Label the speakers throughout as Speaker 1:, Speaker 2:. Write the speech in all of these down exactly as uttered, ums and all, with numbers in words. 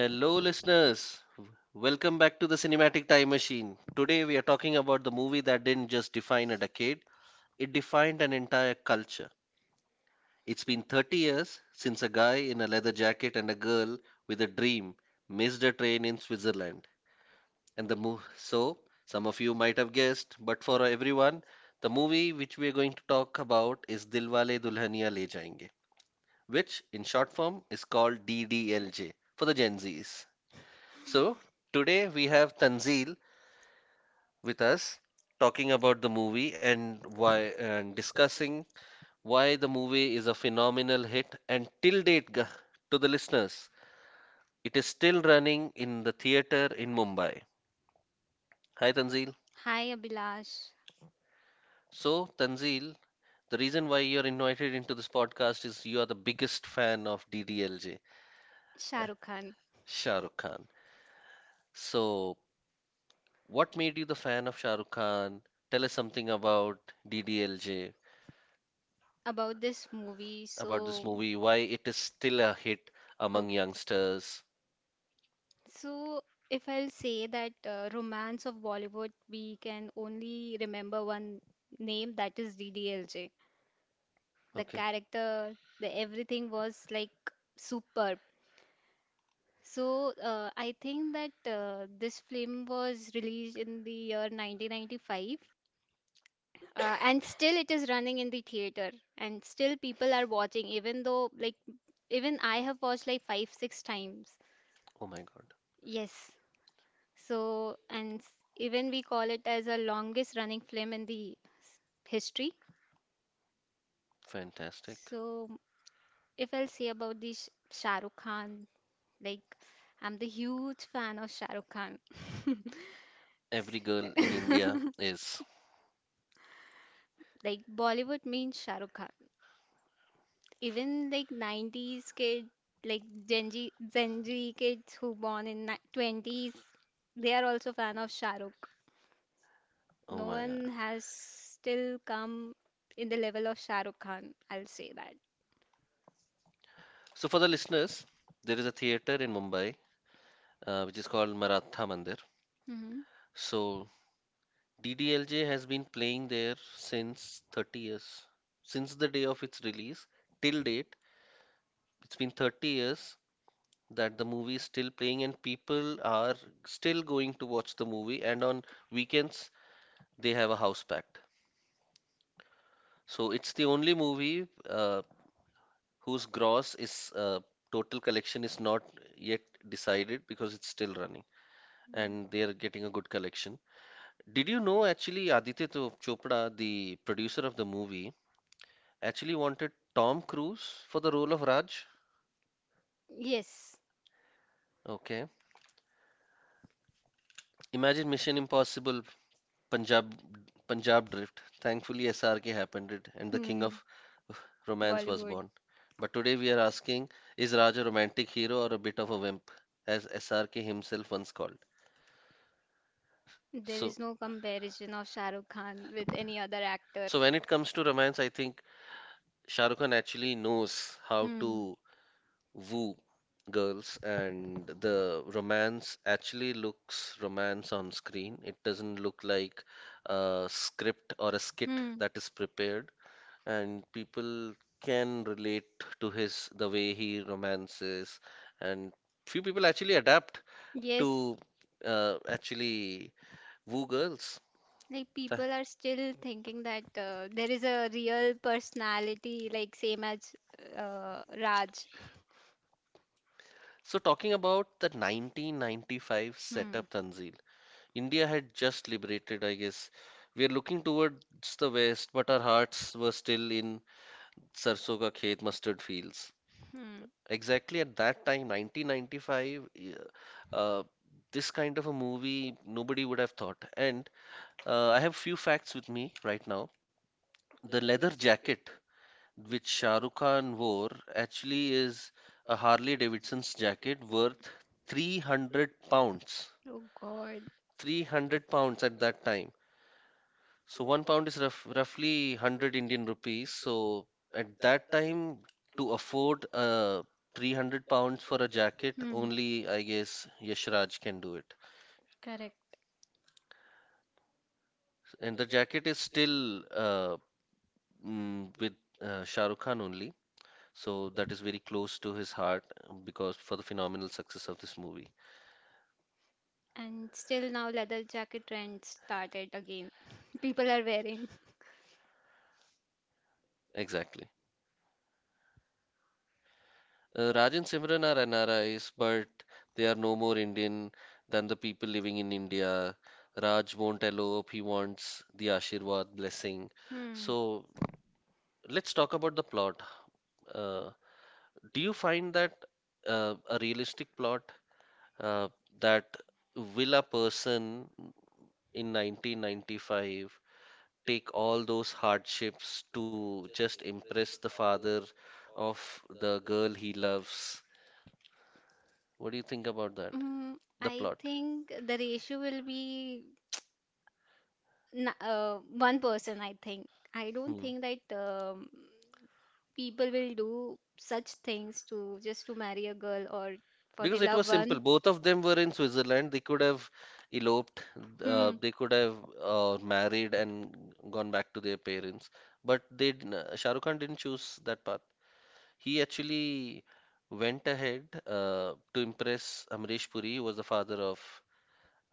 Speaker 1: Hello, listeners. Welcome back to the Cinematic Time Machine. Today, we are talking about the movie that didn't just define a decade, it defined an entire culture. It's been thirty years since a guy in a leather jacket and a girl with a dream missed a train in Switzerland. And the move, so some of you might have guessed, but for everyone, the movie which we are going to talk about is Dilwale Dulhania Le Jayenge, which in short form is called D D L J for the Gen Zs. So, Today we have Tanzeel with us talking about the movie and why and discussing why the movie is a phenomenal hit and till date g- to the listeners it is still running in the theater in Mumbai. Hi Tanzeel.
Speaker 2: Hi Abhilash.
Speaker 1: So, Tanzeel, the reason why you're invited into this podcast is you are the biggest fan of D D L J,
Speaker 2: Shah
Speaker 1: uh,
Speaker 2: Rukh Khan.
Speaker 1: Shah Rukh Khan. So, what made you the fan of Shah Rukh Khan? Tell us something about D D L J,
Speaker 2: About this movie.
Speaker 1: about this
Speaker 2: so
Speaker 1: movie, why it is still a hit among
Speaker 2: okay.
Speaker 1: youngsters.
Speaker 2: So if I'll say that uh, romance of Bollywood, we can only remember one name, that is D D L J. The
Speaker 1: Okay.
Speaker 2: character, the everything was like superb. So uh, I think that uh, this film was released in the year nineteen ninety-five, uh, and still it is running in the theater, and still people are watching, even though, like, even I have watched like five, six times.
Speaker 1: Oh my God.
Speaker 2: Yes. So and s- even we call it as a longest running film in the s- history.
Speaker 1: Fantastic.
Speaker 2: So if I'll say about the Sh- Shah Rukh Khan, like, I'm the huge fan of Shah Rukh Khan.
Speaker 1: Every girl in India is.
Speaker 2: Like Bollywood means Shah Rukh. Even like nineties kids, like, gen z gen z kids who born in ni- twenties, they are also fan of Shah Rukh.
Speaker 1: Oh
Speaker 2: No
Speaker 1: my God.
Speaker 2: one has still come in the level of Shah Rukh Khan, I'll say that.
Speaker 1: So for the listeners, there is a theater in Mumbai uh, which is called Maratha Mandir.
Speaker 2: Hmm.
Speaker 1: So D D L J has been playing there since thirty years. Since the day of its release till date, it's been thirty years that the movie is still playing and people are still going to watch the movie. And on weekends, they have a house packed. So it's the only movie uh, whose gross is uh, total collection is not yet decided because it's still running and they are getting a good collection. Did you know actually Aditya Cho- Chopra, the producer of the movie, actually wanted Tom Cruise for the role of Raj?
Speaker 2: Yes.
Speaker 1: Okay. Imagine Mission Impossible Punjab Punjab Drift. Thankfully, S R K happened it, and the king
Speaker 2: Hmm.
Speaker 1: of romance was
Speaker 2: Bollywood.
Speaker 1: born. But today we are asking, is Raj a romantic hero or a bit of a wimp, as S R K himself once called?
Speaker 2: There is
Speaker 1: So,
Speaker 2: no comparison of Shah Rukh Khan with any other actor.
Speaker 1: so when it comes to romance, I think Shah Rukh Khan actually knows how
Speaker 2: Hmm.
Speaker 1: to woo girls, and the romance actually looks romance on screen. It doesn't look like a script or a skit
Speaker 2: Hmm.
Speaker 1: that is prepared. And people can relate to his the way he romances, and few people actually adapt to
Speaker 2: Yes.
Speaker 1: uh, actually woo girls.
Speaker 2: Like
Speaker 1: Th-
Speaker 2: people are still thinking that uh, there is a real personality, like same as uh, Raj.
Speaker 1: So talking about the nineteen ninety-five
Speaker 2: Hmm.
Speaker 1: setup, Tanzil, India had just liberated, I guess. We are looking towards the West, but our hearts were still in सरसों का खेत mustard fields.
Speaker 2: Hmm.
Speaker 1: Exactly at that time, nineteen ninety-five, y- uh, uh, this kind of a movie nobody would have thought. And uh, I have few facts with me right now. The leather jacket which Shah Rukh Khan wore actually is a Harley Davidson's jacket worth three hundred pounds.
Speaker 2: Oh God.
Speaker 1: three hundred pounds at that time. So one pound is rough, roughly one hundred Indian rupees. So at that time, to afford uh, three hundred pounds for a jacket,
Speaker 2: Hmm.
Speaker 1: only I guess Yashraj can do it.
Speaker 2: Correct.
Speaker 1: And the jacket is still uh, mm, with uh, Shah Rukh Khan only. So that is very close to his heart because for the phenomenal success of this movie.
Speaker 2: And still now leather jacket trend started again. People are wearing.
Speaker 1: Exactly. Uh, Raj and Simran are N R Is, but they are no more Indian than the people living in India. Raj won't elope, he wants the Ashirwad blessing.
Speaker 2: Hmm.
Speaker 1: So let's talk about the plot. Uh, do you find that uh, a realistic plot uh, that will a person in nineteen ninety-five take all those hardships to just impress the father of the girl he loves? What do you think about that?
Speaker 2: Mm,
Speaker 1: The
Speaker 2: I
Speaker 1: plot.
Speaker 2: think the ratio will be n- uh, one person, I think. I don't
Speaker 1: Hmm.
Speaker 2: think that um, people will do such things to just to marry a girl or for the
Speaker 1: Because it was
Speaker 2: loved one.
Speaker 1: simple. Both of them were in Switzerland. They could have eloped, uh,
Speaker 2: Hmm.
Speaker 1: they could have uh, married and gone back to their parents. But they didn't, uh, Shah Rukh Khan didn't choose that path. He actually went ahead uh, to impress Amrish Puri, who was the father of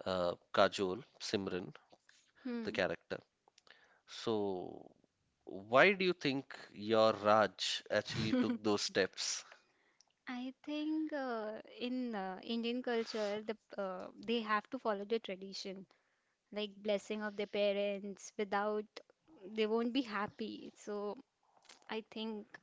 Speaker 1: uh, Kajol, Simran, the
Speaker 2: Hmm.
Speaker 1: character. So, why do you think your Raj actually took those steps?
Speaker 2: I think uh, in uh, Indian culture, the uh, they have to follow the tradition, like blessing of their parents. Without, they won't be happy. So I think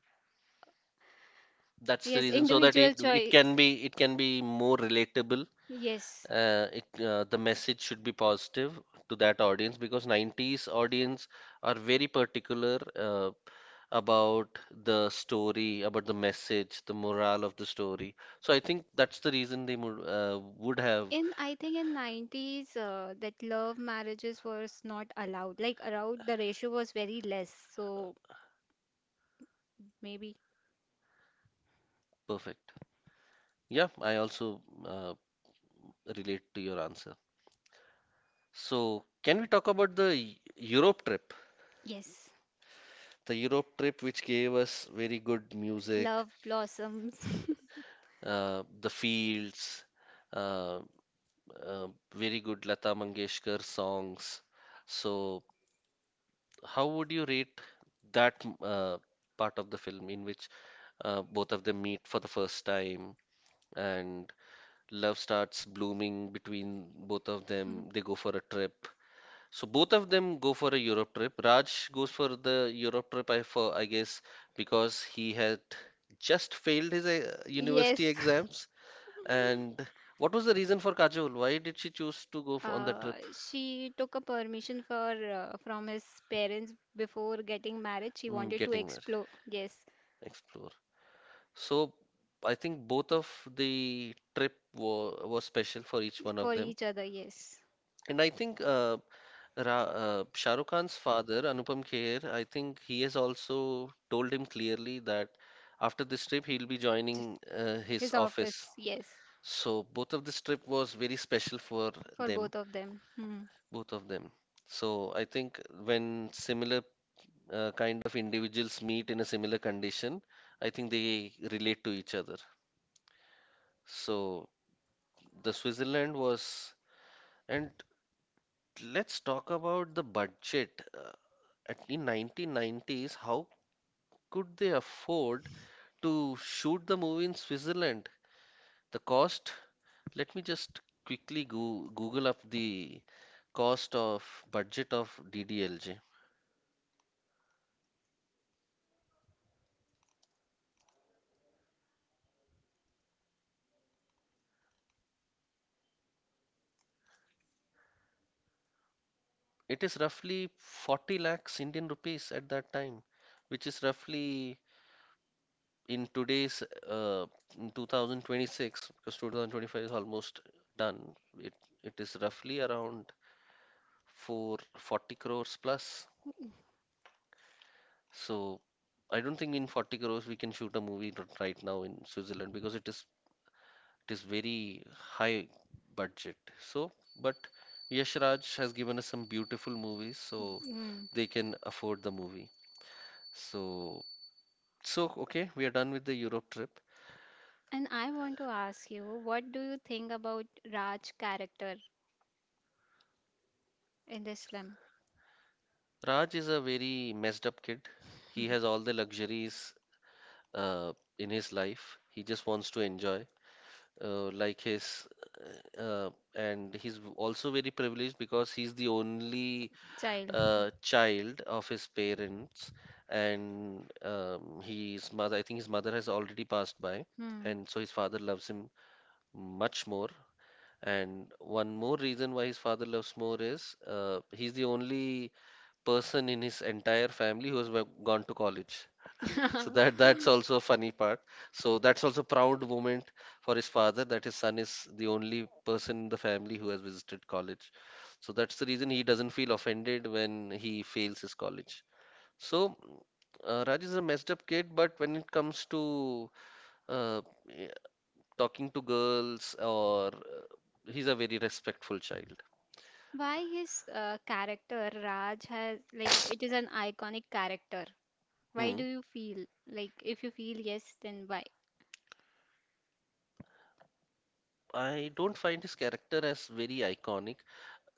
Speaker 1: That's the
Speaker 2: yes,
Speaker 1: reason so that it
Speaker 2: individual
Speaker 1: it
Speaker 2: choice.
Speaker 1: can be it can be more relatable.
Speaker 2: Yes.
Speaker 1: Uh, it uh, The message should be positive to that audience because nineties audience are very particular uh, about the story, about the message, the morale of the story. So I think that's the reason they would uh, would have.
Speaker 2: In, I think in nineties, uh, that love marriages was not allowed. Like around the ratio was very less. So maybe
Speaker 1: Perfect. Yeah, I also uh, relate to your answer. So, can we talk about the Eu- Europe trip?
Speaker 2: yes.
Speaker 1: The Europe trip, which gave us very good music,
Speaker 2: Love blossoms.
Speaker 1: uh, the fields, uh, uh, very good Lata Mangeshkar songs. So, how would you rate that m- uh, part of the film in which uh, both of them meet for the first time and love starts blooming between both of them? They go for a trip. So both of them go for a Europe trip. Raj goes for the Europe trip, I for I guess because he had just failed his uh,
Speaker 2: Yes.
Speaker 1: university exams. And what was the reason for Kajol? Why did she choose to go for, on the
Speaker 2: Uh,
Speaker 1: trip?
Speaker 2: she took a permission for uh, from his parents before getting married. She
Speaker 1: Mm,
Speaker 2: wanted to
Speaker 1: getting married,
Speaker 2: explore. Yes.
Speaker 1: explore. So I think both of the trip wa was special for each one of
Speaker 2: For
Speaker 1: them.
Speaker 2: each other, yes.
Speaker 1: And I think uh, Ra uh, Shah Rukh Khan's father, Anupam Kher, I think he has also told him clearly that after this trip he'll be
Speaker 2: Ch-
Speaker 1: joining uh, his
Speaker 2: His
Speaker 1: office.
Speaker 2: office, yes.
Speaker 1: So both of this trip was very special for
Speaker 2: For
Speaker 1: them,
Speaker 2: both of them. Hmm.
Speaker 1: both of them. So I think when similar uh, kind of individuals meet in a similar condition, I think they relate to each other. So the Switzerland was, and let's talk about the budget. Uh, at in nineteen nineties, how could they afford to shoot the movie in Switzerland? The cost, let me just quickly go, Google up the cost of budget of D D L J. It is roughly forty lakhs Indian rupees at that time, which is roughly in today's uh, in twenty twenty-six because two thousand twenty-five is almost done. It it is roughly around four hundred forty crores plus. So I don't think in forty crores we can shoot a movie r- right now in Switzerland because it is it is very high budget. So, but Yash Raj has given us some beautiful movies, so
Speaker 2: Mm.
Speaker 1: they can afford the movie. So, so okay, we are done with the Europe trip.
Speaker 2: And I want to ask you, what do you think about Raj character in this film?
Speaker 1: Raj is a very messed up kid. He has all the luxuries uh, in his life. He just wants to enjoy. Uh, like his uh, and he's also very privileged because he's the only
Speaker 2: Child.
Speaker 1: uh, child of his parents and um, his mother I think his mother has already passed by,
Speaker 2: Hmm.
Speaker 1: and so his father loves him much more, and one more reason why his father loves more is uh, he's the only person in his entire family who has wa- gone to college, so that that's also a funny part. So that's also proud moment for his father that his son is the only person in the family who has visited college. So that's the reason he doesn't feel offended when he fails his college. So uh, Raj is a messed up kid, but when it comes to uh, eh, talking to girls or uh, he's a very respectful child.
Speaker 2: Why his uh, character Raj has, like, it is an iconic character. Why
Speaker 1: Hmm.
Speaker 2: do you feel, like, if you feel yes, then why?
Speaker 1: I don't find his character as very iconic.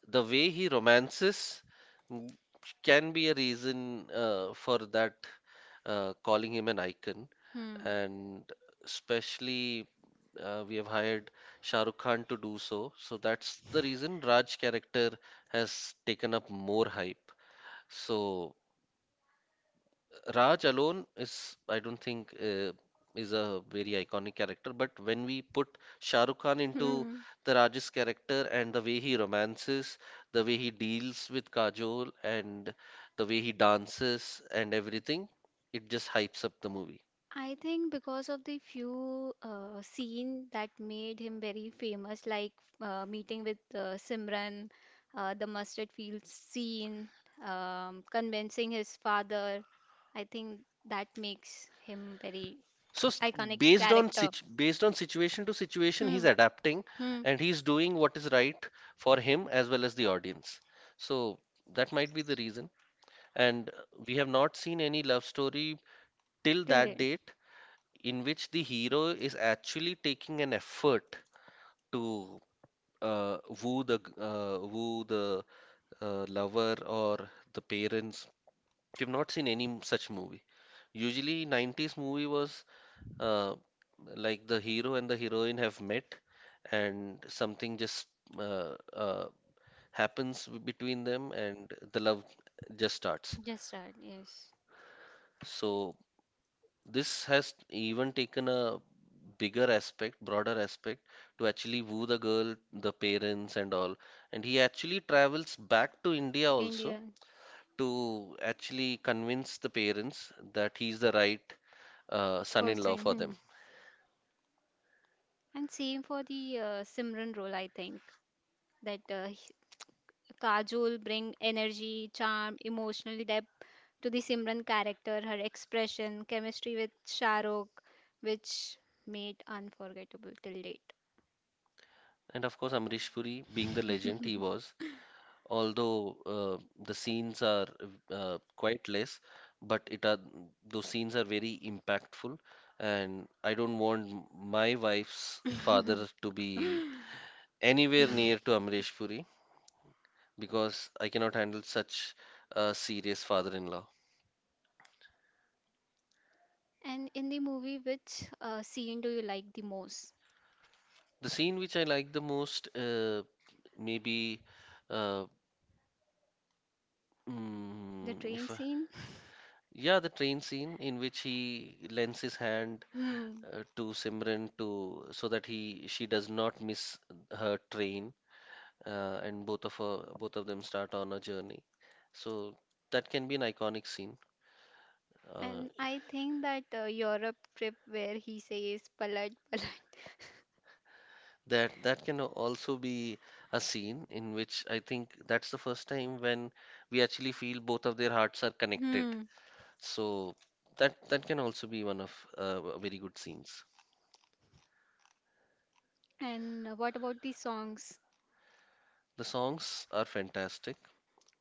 Speaker 1: The way he romances mm, can be a reason uh, for that uh, calling him an icon, and especially uh, we have hired Shah Rukh Khan to do so, so that's the reason Raj character has taken up more hype, so Raj alone is, I don't think, uh, is a very iconic character. But when we put Shah Rukh Khan into
Speaker 2: Hmm.
Speaker 1: the Raj's character and the way he romances, the way he deals with Kajol, and the way he dances and everything, it just hypes up the movie.
Speaker 2: I think because of the few uh, scene that made him very famous, like uh, meeting with uh, Simran, uh, the mustard field scene, um, convincing his father. I think that makes him very
Speaker 1: So s-
Speaker 2: iconic
Speaker 1: Based on
Speaker 2: character.
Speaker 1: situ based on situation to situation, he's
Speaker 2: Hmm.
Speaker 1: adapting
Speaker 2: Hmm.
Speaker 1: and he's doing what is right for him as well as the audience. So that might be the reason. And uh, we have not seen any love story till
Speaker 2: Till
Speaker 1: that
Speaker 2: date.
Speaker 1: date in which the hero is actually taking an effort to uh, woo the g- uh, woo the uh, lover or the parents. We've not seen any m- such movie. Usually, nineties movie was uh, like the hero and the heroine have met, and something just uh, uh, happens w- between them, and the love just starts.
Speaker 2: Just start. Yes.
Speaker 1: So this has even taken a bigger aspect, broader aspect to actually woo the girl, the parents, and all. And he actually travels back to India also
Speaker 2: India
Speaker 1: to actually convince the parents that he's the right uh, son-in-law
Speaker 2: person.
Speaker 1: for
Speaker 2: Hmm.
Speaker 1: them.
Speaker 2: And same for the uh, Simran role, I think that uh, Kajol bring energy, charm, emotional depth to the Simran character, her expression, chemistry with Shahrukh, which made unforgettable till date.
Speaker 1: And of course, Amrish Puri, being the legend he was, although uh, the scenes are uh, quite less, but it are those scenes are very impactful, and I don't want m- my wife's father to be anywhere near to Amrish Puri because I cannot handle such a serious father-in-law.
Speaker 2: And in the movie, which uh, scene do you like the most?
Speaker 1: The scene which I like the most, uh, maybe, uh,
Speaker 2: The
Speaker 1: mm,
Speaker 2: train
Speaker 1: if I-
Speaker 2: scene?
Speaker 1: yeah, the train scene in which he lends his hand
Speaker 2: Hmm.
Speaker 1: uh, to Simran to so that he she does not miss her train, uh, and both of her, both of them start on a journey. So that can be an iconic scene. Uh,
Speaker 2: And I think that uh, Europe trip where he says palat palat.
Speaker 1: that that can also be a scene in which I think that's the first time when we actually feel both of their hearts are connected.
Speaker 2: Hmm.
Speaker 1: So that that can also be one of uh, very good scenes.
Speaker 2: And uh, what about the songs?
Speaker 1: The songs are fantastic,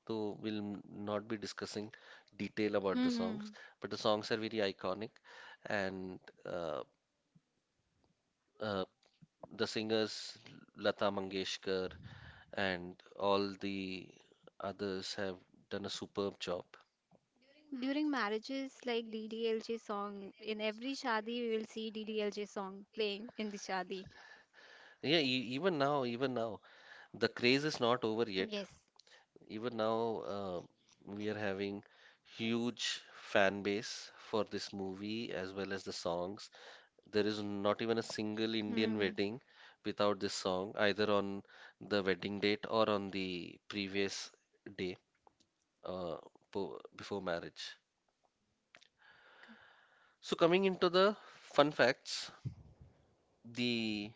Speaker 1: so we'll n- not be discussing detail about the songs, but the songs are very iconic, and uh, uh, the singers Lata Mangeshkar and all the others have done a superb job.
Speaker 2: During marriages, like, D D L J song, in every shadi we will see D D L J song playing in the shadi.
Speaker 1: Yeah, e even now, even now, the craze is not over yet.
Speaker 2: Yes.
Speaker 1: Even now, uh, we are having huge fan base for this movie as well as the songs. There is not even a single Indian
Speaker 2: Hmm.
Speaker 1: wedding without this song, either on the wedding date or on the previous day, uh, po- before marriage.
Speaker 2: K-
Speaker 1: So coming into the fun facts, the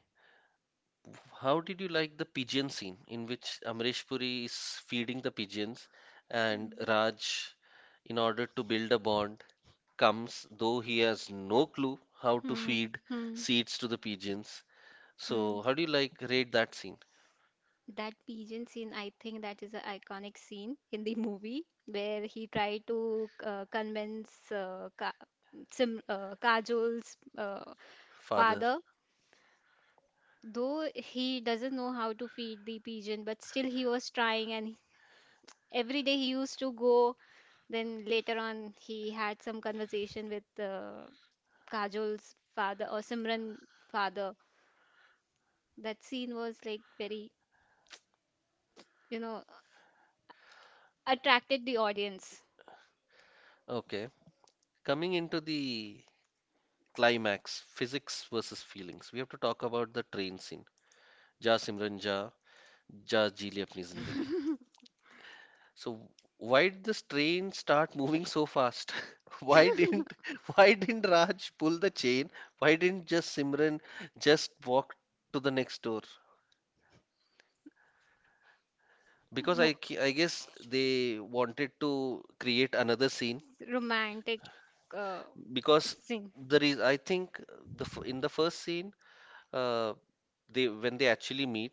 Speaker 1: how did you like the pigeon scene in which Amresh Puri is feeding the pigeons and Raj, in order to build a bond, comes though he has no clue how to
Speaker 2: Hmm.
Speaker 1: feed
Speaker 2: Hmm.
Speaker 1: seeds to the pigeons.
Speaker 2: Hmm.
Speaker 1: So how do you like rate that scene?
Speaker 2: That pigeon scene, I think that is an iconic scene in the movie where he tried to uh, convince uh, Ka Sim uh, Kajol's uh,
Speaker 1: Father.
Speaker 2: father. Though he doesn't know how to feed the pigeon, but still he was trying, and every day he used to go. Then later on, he had some conversation with uh, Kajol's father or Simran's father. That scene was like very, you know, attracted the audience.
Speaker 1: Okay. Coming into the climax, physics versus feelings. We have to talk about the train scene. Ja Simran Ja, Ja Ji Le Apni Zindagi. So why did this train start moving so fast? Why didn't, why didn't Raj pull the chain? Why didn't just Simran just walk to the next door? Because
Speaker 2: Mo-
Speaker 1: I ki- I guess they wanted to create another scene,
Speaker 2: Romantic uh,
Speaker 1: because
Speaker 2: scene.
Speaker 1: there is, I think, the f- in the first scene, uh, they, when they actually meet,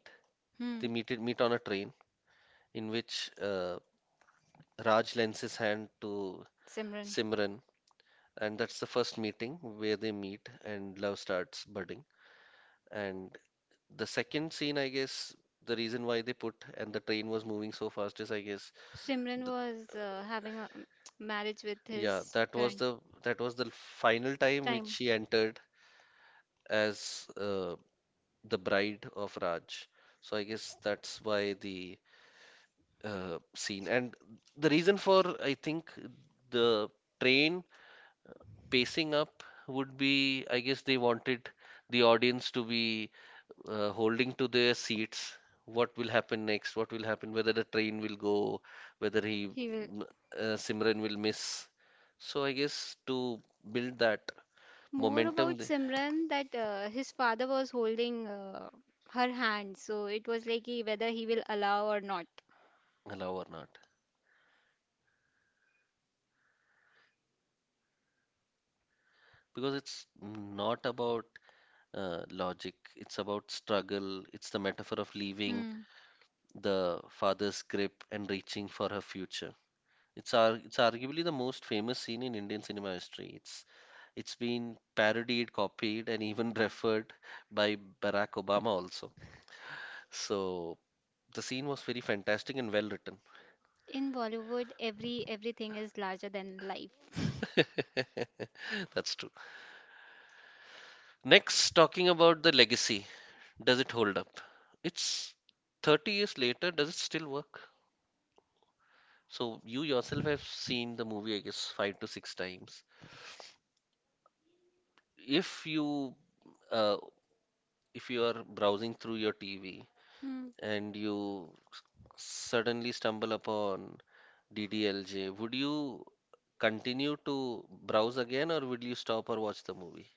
Speaker 1: they
Speaker 2: Hmm.
Speaker 1: meet meet on a train in which uh, Raj lends his hand to
Speaker 2: Simran.
Speaker 1: Simran, and that's the first meeting where they meet and love starts budding. And the second scene, I guess, the reason why they put and the train was moving so fast is, I guess,
Speaker 2: Simran
Speaker 1: th
Speaker 2: was uh, having a um, marriage with
Speaker 1: yeah,
Speaker 2: his
Speaker 1: that was
Speaker 2: friend.
Speaker 1: the, that was the final time which
Speaker 2: Time.
Speaker 1: she entered as uh, the bride of Raj. So I guess that's why the uh, scene. And the reason for, I think, the train pacing up would be, I guess, they wanted the audience to be uh, holding to their seats. What will happen next? What will happen? Whether the train will go, whether he,
Speaker 2: He will.
Speaker 1: m- uh, Simran will miss. So I guess to build that
Speaker 2: More
Speaker 1: momentum,
Speaker 2: about
Speaker 1: they
Speaker 2: Simran that uh, his father was holding uh, her hand, so it was like he, whether he will allow or not.
Speaker 1: allow or not, because it's not about uh, logic. It's about struggle. It's the metaphor of leaving
Speaker 2: Hmm.
Speaker 1: the father's grip and reaching for her future. It's ar- it's arguably the most famous scene in Indian cinema history. It's it's been parodied, copied, and even referred by Barack Obama also. So the scene was very fantastic and well written.
Speaker 2: In Bollywood, every everything is larger than life.
Speaker 1: That's true. Next, talking about the legacy, does it hold up? It's thirty years later, does it still work? So you yourself have seen the movie, I guess, five to six times. If you, uh, if you are browsing through your T V
Speaker 2: Hmm.
Speaker 1: and you suddenly stumble upon D D L J, would you continue to browse again or would you stop or watch the movie?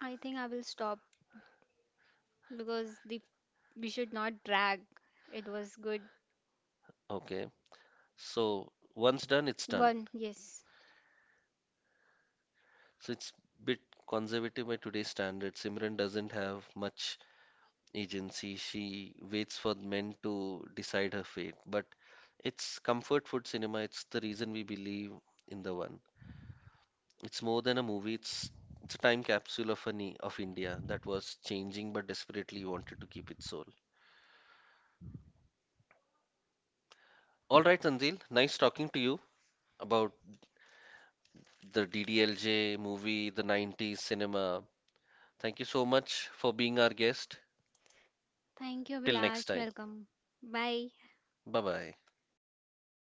Speaker 2: I think I will stop because the we should not drag. It was good
Speaker 1: Okay, so once done, it's done.
Speaker 2: one. Yes.
Speaker 1: So it's bit conservative by today's standards. Simran doesn't have much agency. She waits for men to decide her fate. But it's comfort food cinema. It's the reason we believe in the one. It's more than a movie, it's it's a time capsule of an, of India that was changing but desperately wanted to keep its soul. All right, Tanzil, nice talking to you about the D D L J movie, the nineties cinema. Thank you so much for being our guest.
Speaker 2: Thank you,
Speaker 1: Till next
Speaker 2: Vilas.
Speaker 1: time.
Speaker 2: Welcome. Bye.
Speaker 1: Bye bye.